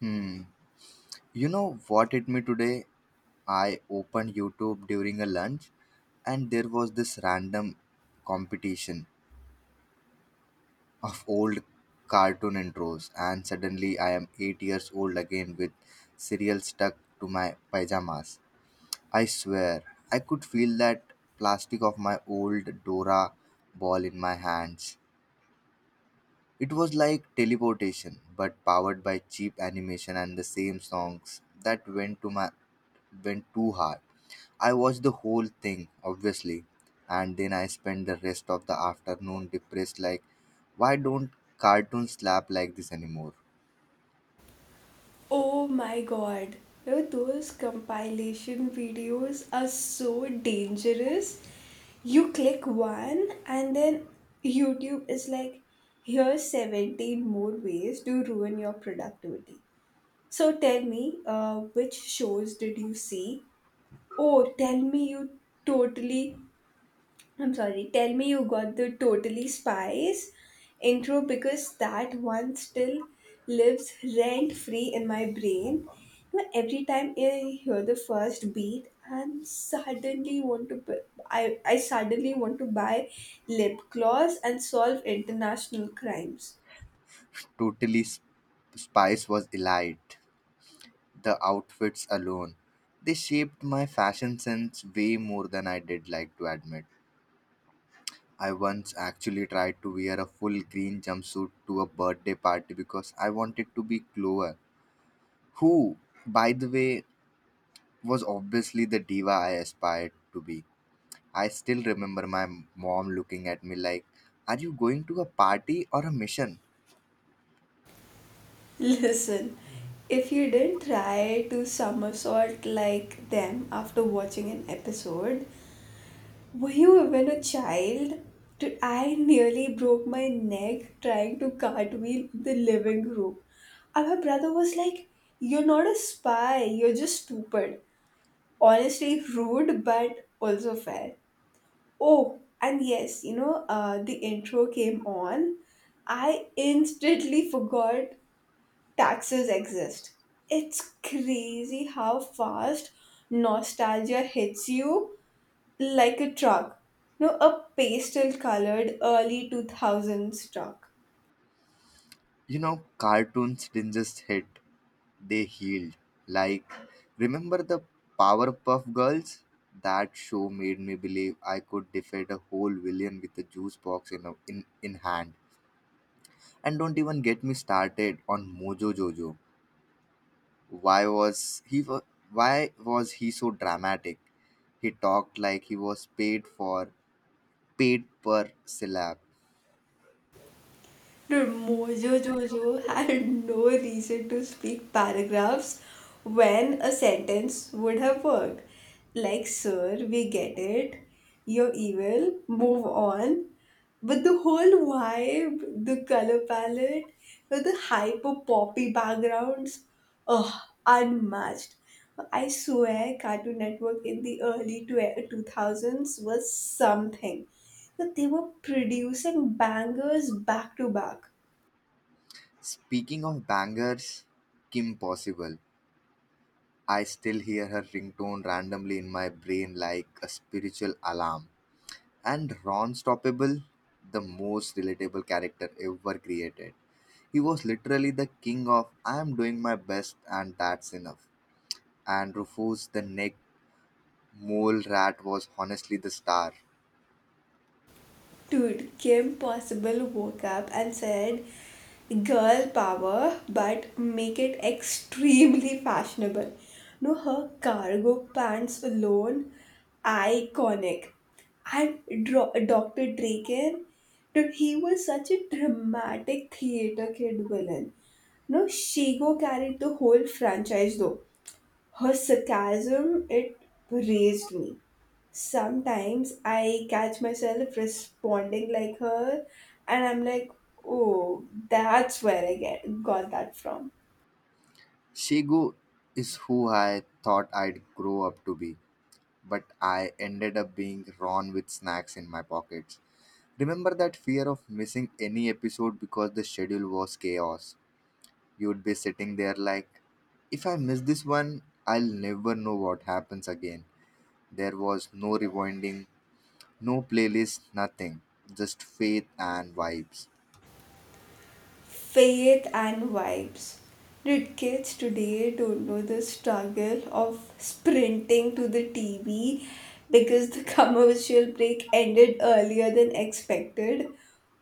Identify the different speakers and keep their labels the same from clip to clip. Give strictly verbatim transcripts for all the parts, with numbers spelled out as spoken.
Speaker 1: Hmm. You know what hit me today? I opened YouTube during a lunch and there was this random competition of old cartoon intros, and suddenly I am eight years old again with cereal stuck to my pajamas. I swear, I could feel that plastic of my old Dora ball in my hands. It was like teleportation but powered by cheap animation, and the same songs that went to my went too hard. I watched the whole thing, obviously, and then I spent the rest of the afternoon depressed like, why don't cartoons slap like this anymore?
Speaker 2: Oh my god. You know, those compilation videos are so dangerous. You click one and then YouTube is like, here's seventeen more ways to ruin your productivity. So tell me, uh, which shows did you see? Or tell me you totally I'm sorry, tell me you got the Totally Spies intro because that one still lives rent free in my brain. You know, every time I hear the first beat and suddenly want to bu- I, I suddenly want to buy lip gloss and solve international crimes.
Speaker 1: Totally Sp- Spice was elite. The outfits alone, they shaped my fashion sense way more than I did like to admit. I once actually tried to wear a full green jumpsuit to a birthday party because I wanted to be Clover, who, by the way, was obviously the diva I aspired to be. I still remember my mom looking at me like, are you going to a party or a mission?
Speaker 2: Listen, if you didn't try to somersault like them after watching an episode, were you even a child? Dude, I nearly broke my neck trying to cartwheel in the living room. And my brother was like, "You're not a spy, you're just stupid." Honestly, rude, but also fair. Oh, and yes, you know, uh, the intro came on. I instantly forgot taxes exist. It's crazy how fast nostalgia hits you like a truck. No, a pastel colored early two thousands truck.
Speaker 1: You know, cartoons didn't just hit, they healed. Like, remember the Powerpuff Girls? That show made me believe I could defeat a whole villain with a juice box in, a, in, in hand. And don't even get me started on Mojo Jojo. Why was he wa- why was he so dramatic? He talked like he was paid for paid per syllable.
Speaker 2: No, Mojo Jojo had no reason to speak paragraphs when a sentence would have worked. Like, sir, we get it. You're evil. Move on. But the whole vibe, the color palette, with the hyper poppy backgrounds, ugh, unmatched. I swear Cartoon Network in the early tw- two thousands was something. That they were producing bangers back to back.
Speaker 1: Speaking of bangers, Kim Possible. I still hear her ringtone randomly in my brain like a spiritual alarm. And Ron Stoppable, the most relatable character ever created. He was literally the king of I am doing my best and that's enough. And Rufus the neck mole rat was honestly the star.
Speaker 2: Dude, Kim Possible woke up and said, "Girl power, but make it extremely fashionable." No, her cargo pants alone, iconic. And Dro- doctor Draken, dude, he was such a dramatic theater kid villain. No, Shigo carried the whole franchise though. Her sarcasm, it raised me. Sometimes I catch myself responding like her, and I'm like, oh, that's where I get got that from.
Speaker 1: Shigo is who I thought I'd grow up to be, but I ended up being Ron with snacks in my pockets. Remember that fear of missing any episode because the schedule was chaos? You would be sitting there like, if I miss this one, I'll never know what happens again. There was no rewinding, no playlist, nothing. Just faith and vibes.
Speaker 2: Faith and vibes. Did kids today don't know the struggle of sprinting to the T V because the commercial break ended earlier than expected?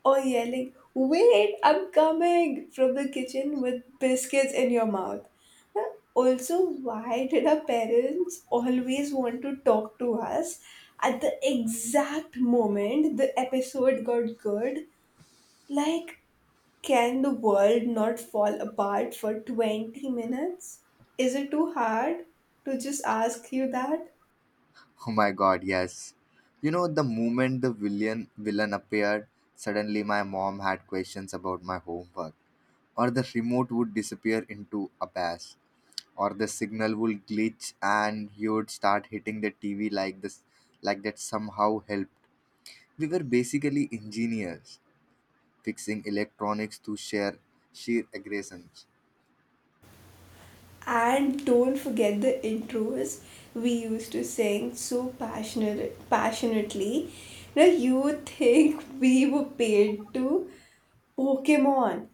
Speaker 2: Or yelling, "Wait, I'm coming!" from the kitchen with biscuits in your mouth. Now, also, why did our parents always want to talk to us at the exact moment the episode got good? Like, can the world not fall apart for twenty minutes? Is it too hard to just ask you that?
Speaker 1: Oh my god, yes. You know, the moment the villain, villain appeared, suddenly my mom had questions about my homework, or the remote would disappear into abyss, or the signal would glitch and you would start hitting the TV like this, like that somehow helped. We were basically engineers fixing electronics to share sheer aggressions.
Speaker 2: And don't forget the intros we used to sing so passionate, passionately. Now you think we were paid to Pokemon.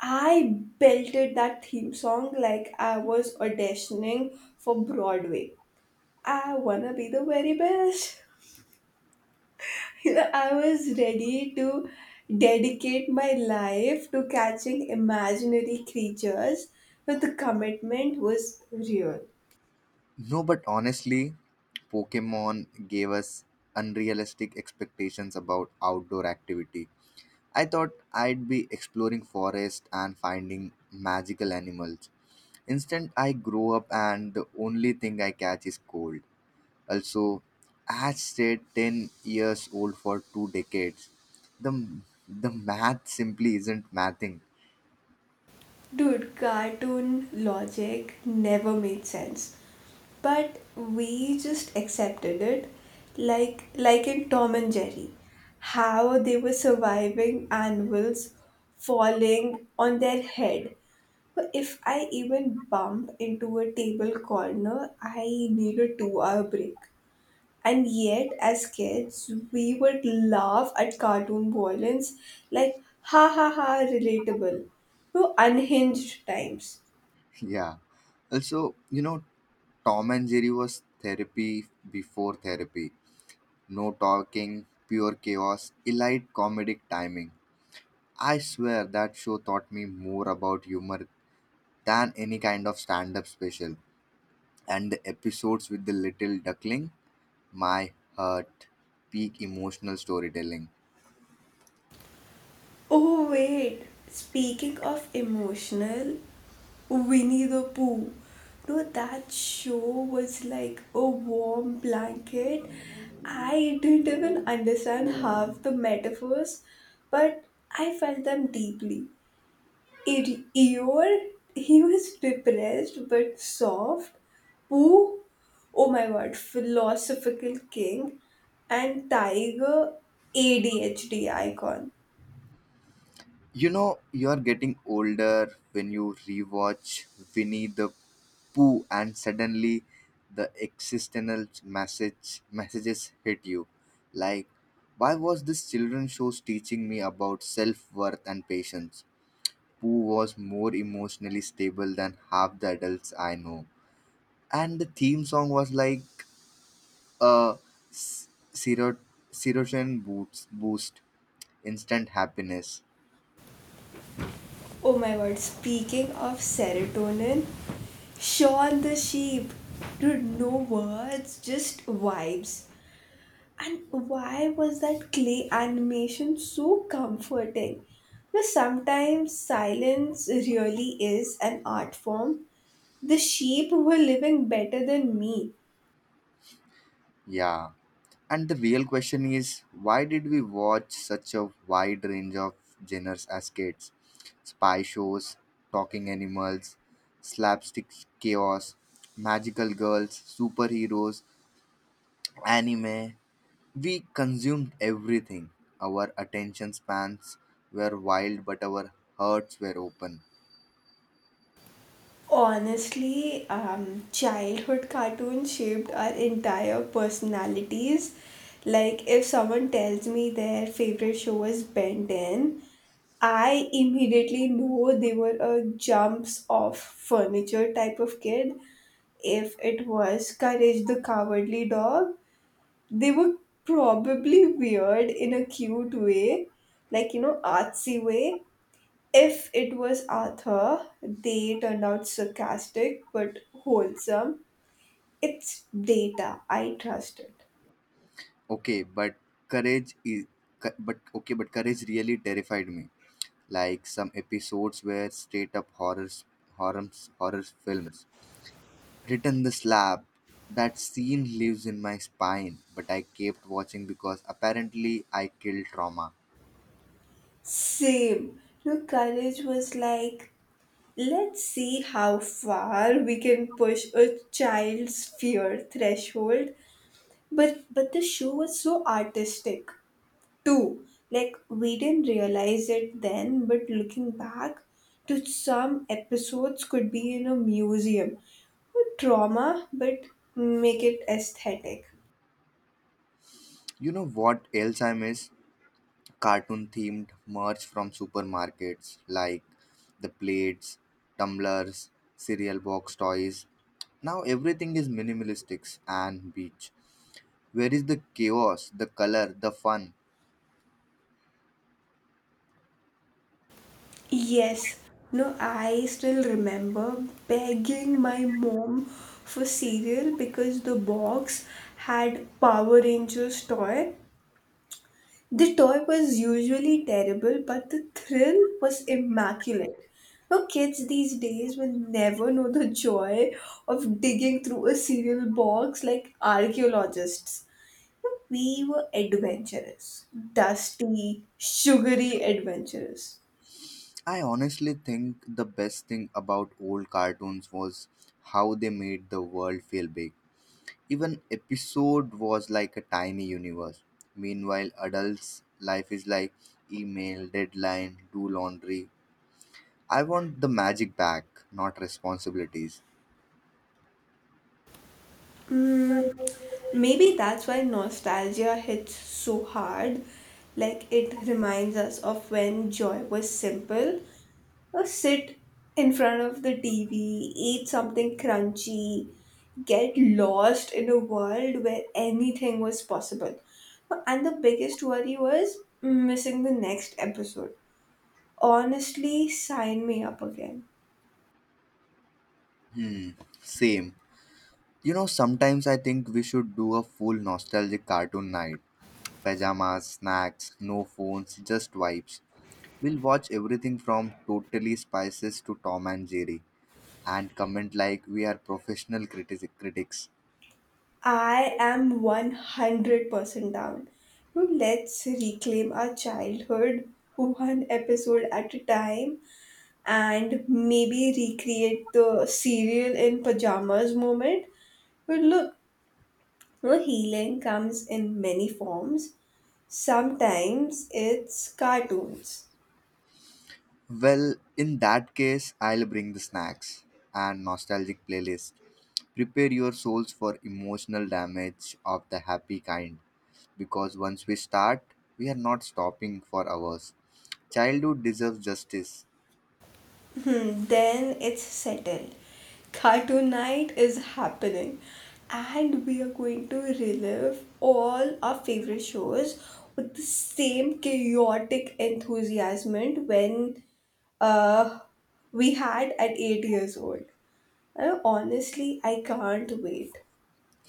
Speaker 2: I belted that theme song like I was auditioning for Broadway. I wanna be the very best. I was ready to dedicate my life to catching imaginary creatures, but the commitment was real.
Speaker 1: No, but honestly, Pokemon gave us unrealistic expectations about outdoor activity. I thought I'd be exploring forest and finding magical animals. Instant I grow up and the only thing I catch is cold. Also, I stayed ten years old for two decades. The the math simply isn't mathing.
Speaker 2: Dude, cartoon logic never made sense. But we just accepted it like like in Tom and Jerry. How they were surviving anvils falling on their head. But if I even bump into a table corner, I need a two hour break. And yet, as kids, we would laugh at cartoon violence like, ha ha ha, relatable to unhinged times.
Speaker 1: Yeah. Also, you know, Tom and Jerry was therapy before therapy. No talking, pure chaos, elite comedic timing. I swear that show taught me more about humor than any kind of stand up special. And the episodes with the little duckling, my heart, peak emotional storytelling.
Speaker 2: Oh, wait, speaking of emotional, Winnie the Pooh. No, that show was like a warm blanket. I didn't even understand half the metaphors, but I felt them deeply. E- Eeyore, he was depressed but soft. Pooh, oh my god, philosophical king. And Tiger, A D H D icon.
Speaker 1: You know, you're getting older when you rewatch Winnie the Pooh, and suddenly the existential message messages hit you. Like, why was this children shows teaching me about self worth and patience? Pooh was more emotionally stable than half the adults I know, and the theme song was like a s- serot- serotonin boost boost instant happiness.
Speaker 2: Oh my god, speaking of serotonin, Shaun the sheep. Dude, no words, just vibes. And why was that clay animation so comforting? Because sometimes silence really is an art form. The sheep were living better than me.
Speaker 1: Yeah. And the real question is, why did we watch such a wide range of genres as kids? Spy shows, talking animals, slapstick chaos, magical girls, superheroes, anime. We consumed everything. Our attention spans were wild, but our hearts were open.
Speaker 2: Honestly, um, childhood cartoons shaped our entire personalities. Like, if someone tells me their favorite show is Ben ten, I immediately know they were a jumps off furniture type of kid. If it was Courage the Cowardly Dog, they were probably weird in a cute way, like, you know, artsy way. If it was Arthur, they turned out sarcastic but wholesome. It's data, I trust it.
Speaker 1: Okay, but courage is. But okay, but courage really terrified me, like some episodes were straight up horrors, horror, horror films. Written the slab. That scene lives in my spine, but I kept watching because apparently I killed trauma.
Speaker 2: Same. No, courage was like, let's see how far we can push a child's fear threshold. But but the show was so artistic. Two, like we didn't realize it then, but looking back to some episodes could be in a museum. Trauma, but make it aesthetic.
Speaker 1: You know what else I miss? Cartoon themed merch from supermarkets like the plates, tumblers, cereal box toys. Now everything is minimalistic and beach. Where is the chaos, the color, the fun?
Speaker 2: Yes. No, I still remember begging my mom for cereal because the box had Power Rangers toy. The toy was usually terrible, but the thrill was immaculate. Now, kids these days will never know the joy of digging through a cereal box like archaeologists. We were adventurous, dusty, sugary adventurous.
Speaker 1: I honestly think the best thing about old cartoons was how they made the world feel big. Even episode was like a tiny universe. Meanwhile, adults' life is like email, deadline, do laundry. I want the magic back, not responsibilities.
Speaker 2: Mm, maybe that's why nostalgia hits so hard. Like it reminds us of when joy was simple. Or sit in front of the T V, eat something crunchy, get lost in a world where anything was possible. And the biggest worry was missing the next episode. Honestly, sign me up again.
Speaker 1: Hmm, same. You know, sometimes I think we should do a full nostalgic cartoon night. Pajamas, snacks, no phones, just vibes. We'll watch everything from Totally Spices to Tom and Jerry and comment like we are professional critic- critics.
Speaker 2: I am one hundred percent down. Now let's reclaim our childhood one episode at a time and maybe recreate the cereal in pajamas moment. But look, no, healing comes in many forms. Sometimes it's cartoons.
Speaker 1: Well, in that case, I'll bring the snacks and nostalgic playlist. Prepare your souls for emotional damage of the happy kind, because once we start, we are not stopping for hours. Childhood deserves justice.
Speaker 2: Hmm, then it's settled. Cartoon night is happening, and we are going to relive all our favorite shows with the same chaotic enthusiasm when uh, we had at eight years old. Uh, honestly, I can't wait.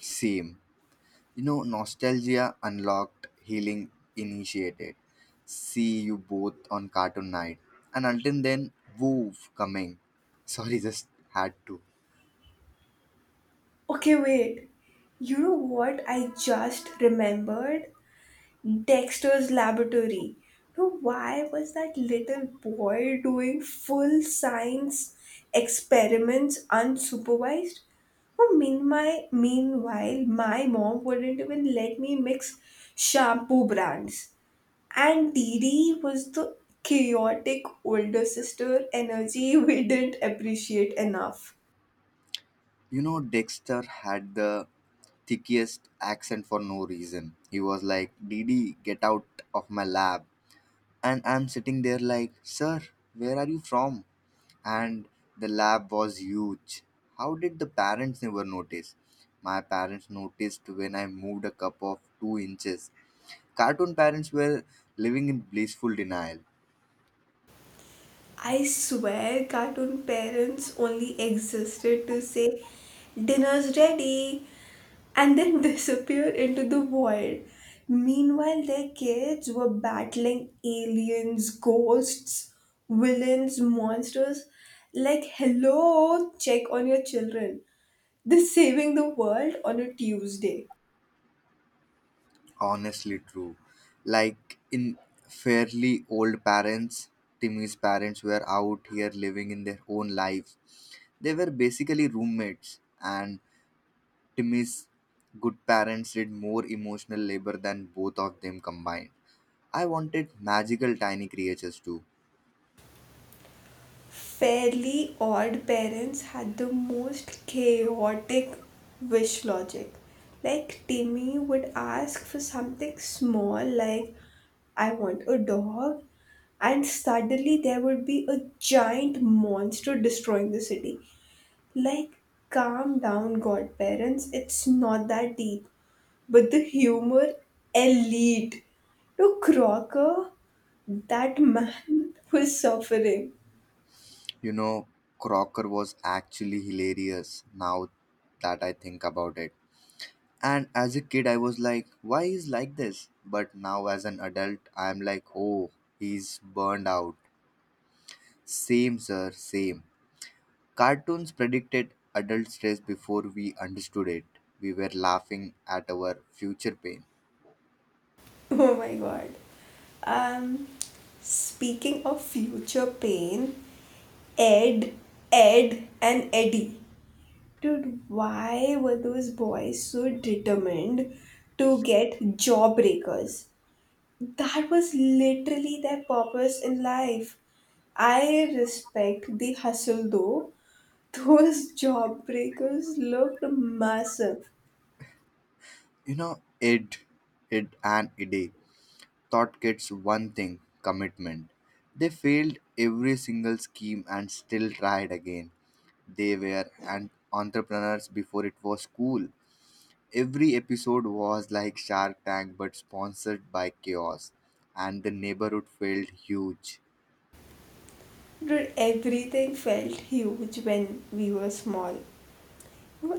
Speaker 1: Same. You know, Nostalgia Unlocked Healing Initiated. See you both on Cartoon Night. And until then, woof coming. Sorry, just had to.
Speaker 2: Okay, wait. You know what I just remembered? Dexter's Laboratory. Now, why was that little boy doing full science experiments unsupervised? Oh, meanwhile, meanwhile, my mom wouldn't even let me mix shampoo brands. And Didi was the chaotic older sister energy we didn't appreciate enough.
Speaker 1: You know, Dexter had the thickest accent for no reason. He was like, Didi, get out of my lab. And I'm sitting there like, sir, where are you from? And the lab was huge. How did the parents never notice? My parents noticed when I moved a cup of two inches. Cartoon parents were living in blissful denial.
Speaker 2: I swear cartoon parents only existed to say, "Dinner's ready," and then disappear into the void. Meanwhile, their kids were battling aliens, ghosts, villains, monsters. Like, hello, check on your children. They're saving the world on a Tuesday.
Speaker 1: Honestly, true. Like in fairly old parents, Timmy's parents were out here living in their own lives. They were basically roommates, and Timmy's good parents did more emotional labor than both of them combined. I wanted magical tiny creatures too.
Speaker 2: Fairly Odd Parents had the most chaotic wish logic. Like, Timmy would ask for something small, like, "I want a dog," and suddenly there would be a giant monster destroying the city. Like, calm down, godparents, it's not that deep. But the humor, elite. To Crocker, that man was suffering.
Speaker 1: You know, Crocker was actually hilarious now that I think about it. And as a kid, I was like, why is like this? But now, as an adult, I'm like, oh, he's burned out. Same, sir, same. Cartoons predicted adult stress before we understood it. We were laughing at our future pain.
Speaker 2: Oh my god. Um, speaking of future pain, Ed, Ed, and Eddie. Dude, why were those boys so determined to get jawbreakers? That was literally their purpose in life. I respect the hustle though. Those jawbreakers looked massive.
Speaker 1: You know, id, id, and id taught kids one thing: commitment. They failed every single scheme and still tried again. They were an entrepreneurs before it was cool. Every episode was like Shark Tank but sponsored by chaos, and the neighborhood felt huge.
Speaker 2: Dude, everything felt huge when we were small.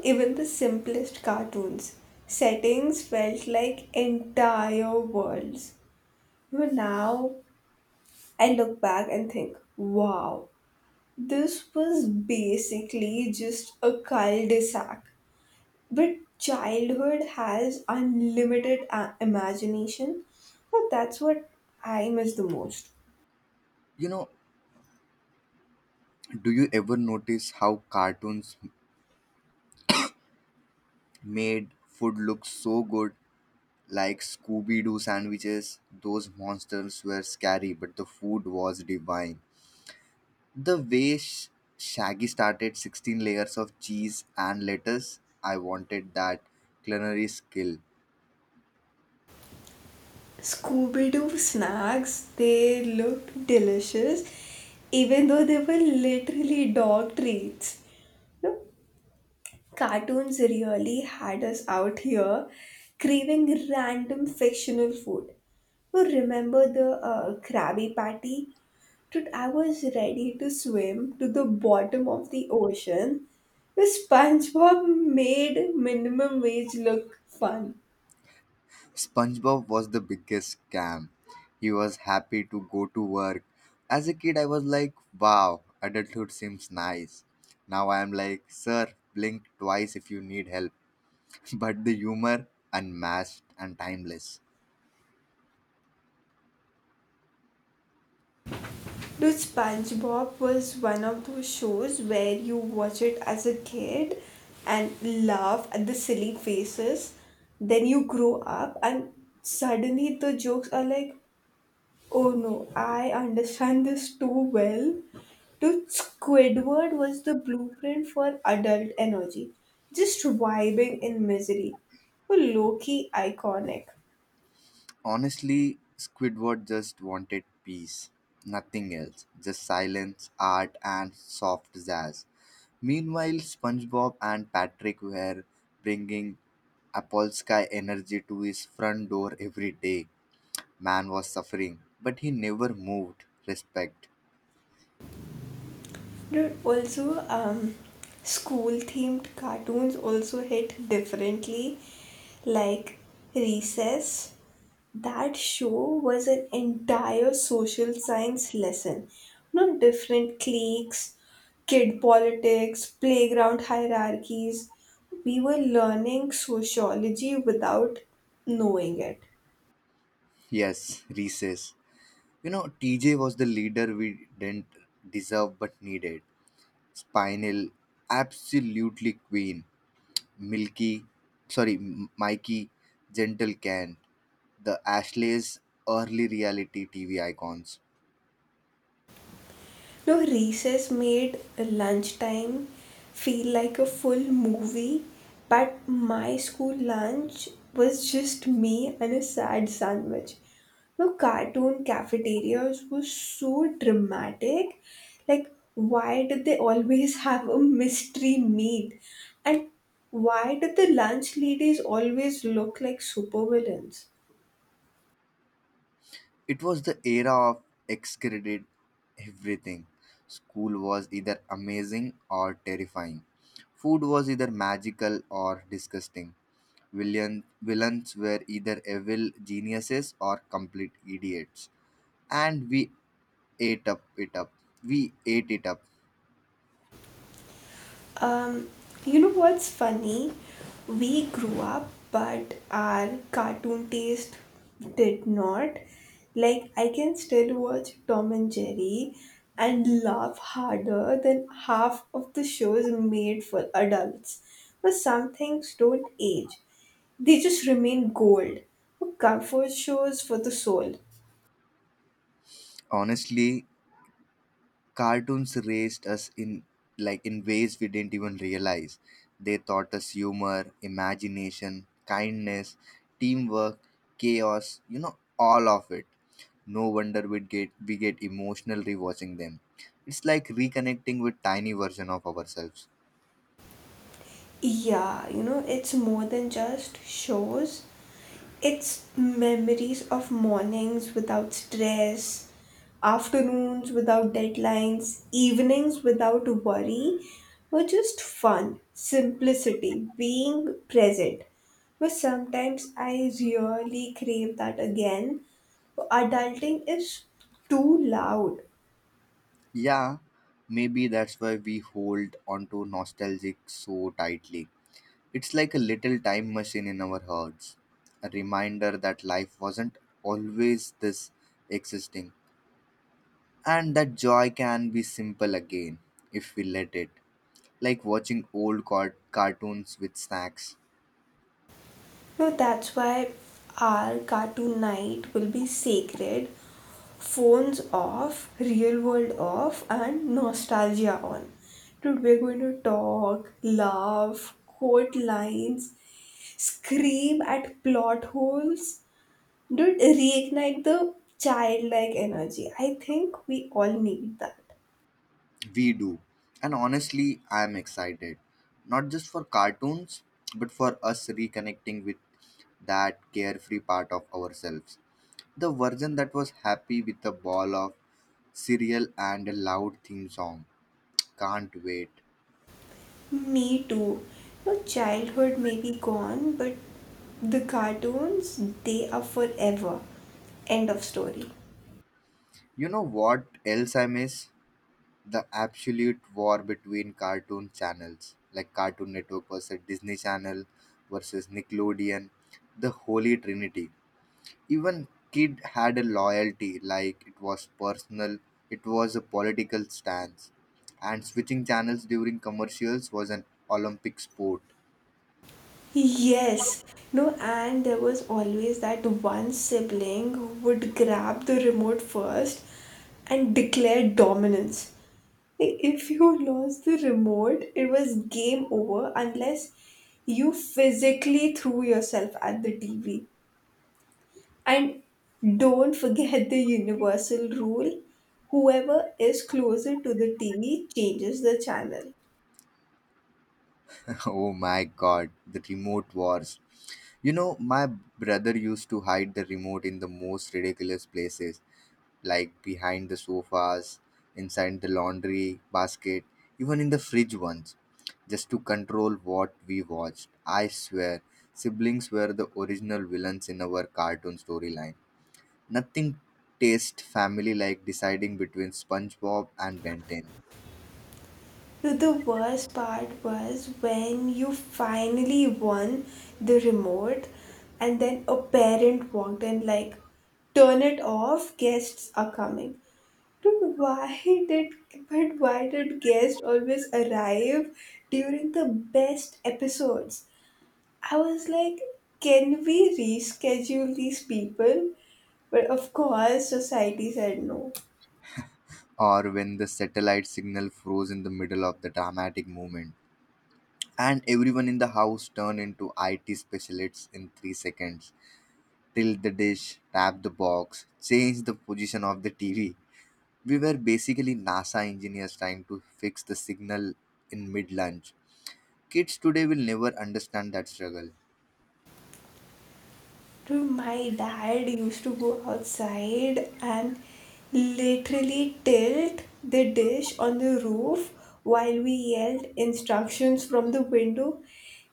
Speaker 2: Even the simplest cartoons settings felt like entire worlds. You know, now I look back and think, wow, this was basically just a cul-de-sac. But childhood has unlimited a- imagination. Well, that's what I miss the most.
Speaker 1: You know, do you ever notice how cartoons made food look so good? Like Scooby Doo sandwiches, those monsters were scary, but the food was divine. The way Sh- Shaggy started sixteen layers of cheese and lettuce, I wanted that culinary skill.
Speaker 2: Scooby Doo snacks, they looked delicious, even though they were literally dog treats. No, cartoons really had us out here craving random fictional food. You remember the uh, Krabby Patty? Dude, I was ready to swim to the bottom of the ocean. The SpongeBob made minimum wage look fun.
Speaker 1: SpongeBob was the biggest scam. He was happy to go to work. As a kid, I was like, wow, adulthood seems nice. Now I am like, sir, blink twice if you need help. But the humor, unmatched and timeless.
Speaker 2: Do SpongeBob was one of those shows where you watch it as a kid and laugh at the silly faces. Then you grow up and suddenly the jokes are like, oh no, I understand this too well. Dude, Squidward was the blueprint for adult energy, just vibing in misery. Low key iconic.
Speaker 1: Honestly, Squidward just wanted peace. Nothing else. Just silence, art, and soft jazz. Meanwhile, SpongeBob and Patrick were bringing Apolsky energy to his front door every day. Man was suffering, but he never moved. Respect.
Speaker 2: Dude, also, um, school themed cartoons also hit differently. Like Recess, that show was an entire social science lesson. No different cliques, kid politics, playground hierarchies. We were learning sociology without knowing it.
Speaker 1: Yes, recess. You know, T J was the leader we didn't deserve but needed. Spinal, absolutely queen. milky, sorry, m- mighty, gentle can, the Ashley's early reality T V icons.
Speaker 2: No, recess made lunchtime feel like a full movie, but my school lunch was just me and a sad sandwich. No, cartoon cafeterias were so dramatic. Like, why did they always have a mystery meat? And why did the lunch ladies always look like supervillains?
Speaker 1: It was the era of excreted everything. School was either amazing or terrifying. Food was either magical or disgusting. Villain, villains were either evil geniuses or complete idiots. And we ate up it up. We ate it up.
Speaker 2: Um, you know what's funny? We grew up, but our cartoon taste did not. Like, I can still watch Tom and Jerry and laugh harder than half of the shows made for adults. But some things don't age, they just remain gold. Comfort shows for the soul.
Speaker 1: Honestly, cartoons raised us in like in ways we didn't even realize. They taught us humor, imagination, kindness, teamwork, chaos, you know, all of it. No wonder we get we get emotional rewatching them. It's like reconnecting with tiny version of ourselves.
Speaker 2: Yeah, you know, it's more than just shows. It's memories of mornings without stress, afternoons without deadlines, evenings without worry, were just fun, simplicity, being present. But sometimes I really crave that again. Adulting is too loud.
Speaker 1: Yeah, maybe that's why we hold onto to nostalgic so tightly. It's like a little time machine in our hearts, a reminder that life wasn't always this existing, and that joy can be simple again if we let it. Like watching old car- cartoons with snacks,
Speaker 2: No, that's why our cartoon night will be sacred. Phones off, real world off, and nostalgia on. Dude, we're going to talk, laugh, quote lines, scream at plot holes. Dude, reignite the childlike energy. I think we all need that.
Speaker 1: we do. And honestly, I am excited, not just for cartoons, but for us reconnecting with that carefree part of ourselves. The version that was happy with a ball of cereal and a loud theme song. Can't wait.
Speaker 2: Me too. Your childhood may be gone, but the cartoons, they are forever. End of story.
Speaker 1: You know what else I miss? The absolute war between cartoon channels, like Cartoon Network versus Disney Channel versus Nickelodeon, the holy trinity. Even kid had a loyalty, like it was personal, it was a political stance. And switching channels during commercials was an Olympic sport.
Speaker 2: Yes. No, and there was always that one sibling who would grab the remote first and declare dominance. Like, if you lost the remote, it was game over unless you physically threw yourself at the T V. And don't forget the universal rule: whoever is closer to the T V changes the channel.
Speaker 1: Oh my god, the remote wars. You know, my brother used to hide the remote in the most ridiculous places, like behind the sofas, inside the laundry basket, even in the fridge once, just to control what we watched. I swear, siblings were the original villains in our cartoon storyline. Nothing tastes family like deciding between SpongeBob and Ben ten,
Speaker 2: So the worst part was when you finally won the remote and then a parent walked in like, "Turn it off, guests are coming." Dude, why did but why did guests always arrive during the best episodes? I was like, can we reschedule these people? But of course society said no.
Speaker 1: or when the satellite signal froze in the middle of the dramatic moment. And everyone in the house turned into I T specialists in three seconds. Tilt the dish, tap the box, change the position of the T V. We were basically NASA engineers trying to fix the signal in mid lunch. Kids today will never understand that struggle.
Speaker 2: Dude, my dad used to go outside and literally tilt the dish on the roof while we yelled instructions from the window.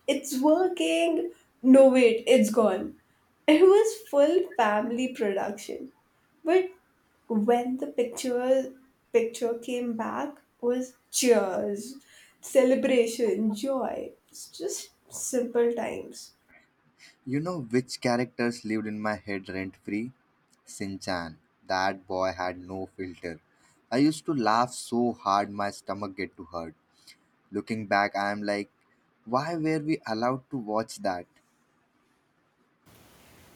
Speaker 2: "It's working! No, wait, it's gone." It was full family production. But when the picture picture came back was cheers, celebration, joy. It's just simple times.
Speaker 1: You know which characters lived in my head rent free? Sinchan. That boy had no filter. I used to laugh so hard my stomach get to hurt. Looking back, I am like, why were we allowed to watch that?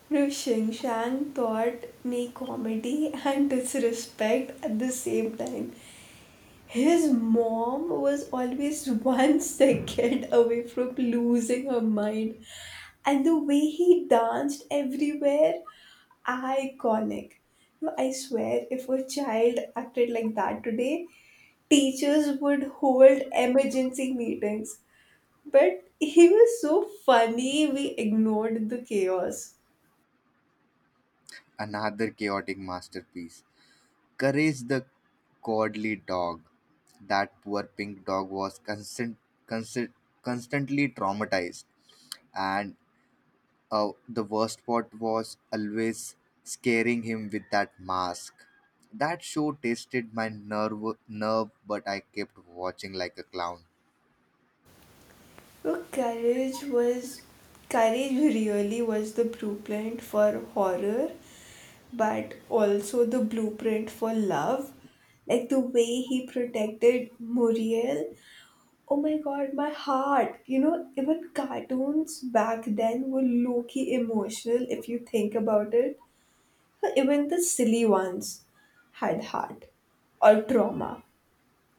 Speaker 2: Now, Shang taught me comedy and disrespect at the same time. His mom was always one second away from losing her mind. And the way he danced everywhere, iconic. No, I swear, if a child acted like that today, teachers would hold emergency meetings. But he was so funny, we ignored the chaos.
Speaker 1: Another chaotic masterpiece. Courage the Cowardly Dog. That poor pink dog was constant, constant, constantly traumatized, and uh, the worst part was always scaring him with that mask. That show tasted my nerve, nerve, but I kept watching like a clown.
Speaker 2: So courage was courage really was the blueprint for horror, but also the blueprint for love. Like the way he protected Muriel. Oh my god, my heart. You know, even cartoons back then were low-key emotional if you think about it. Even the silly ones had heart or trauma.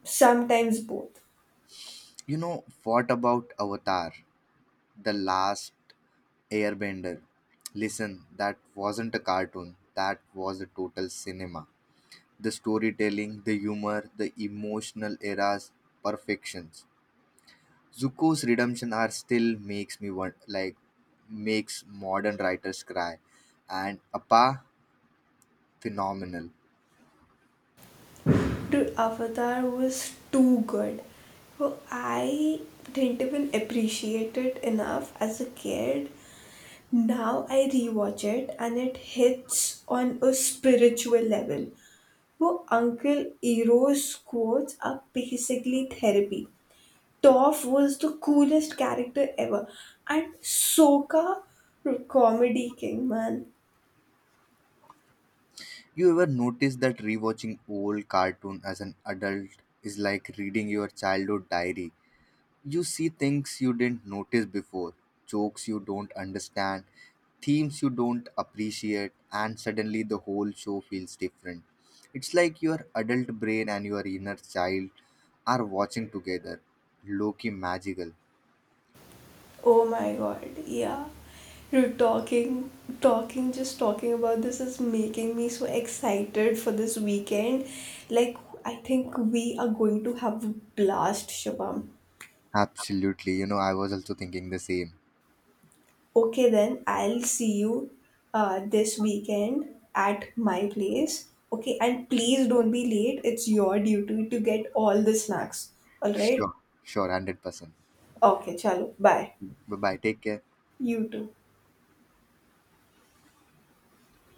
Speaker 2: Sometimes both.
Speaker 1: You know what about Avatar, the last Airbender? Listen, that wasn't a cartoon. That was a total cinema. The storytelling, the humor, the emotional eras, perfections. Zuko's redemption are still makes me want like makes modern writers cry. And Appa phenomenal.
Speaker 2: Dude, Avatar was too good. Well, I didn't even appreciate it enough as a kid. Now I rewatch it and it hits on a spiritual level. Well, Uncle Ero's quotes are basically therapy. Toph was the coolest character ever, and Sokka, comedy king, man.
Speaker 1: You ever notice that rewatching old cartoon as an adult is like reading your childhood diary? You see things you didn't notice before, jokes you don't understand, themes you don't appreciate, and suddenly the whole show feels different. It's like your adult brain and your inner child are watching together. Loki magical.
Speaker 2: Oh my god, yeah. You're talking, talking, just talking about this is making me so excited for this weekend. Like, I think we are going to have a blast, Shubham.
Speaker 1: Absolutely. You know, I was also thinking the same.
Speaker 2: Okay, then I'll see you uh, this weekend at my place. Okay, and please don't be late. It's your duty to get all the snacks. All right?
Speaker 1: Sure, sure, one hundred percent.
Speaker 2: Okay, chalo. Bye.
Speaker 1: Bye bye. Take care.
Speaker 2: You too.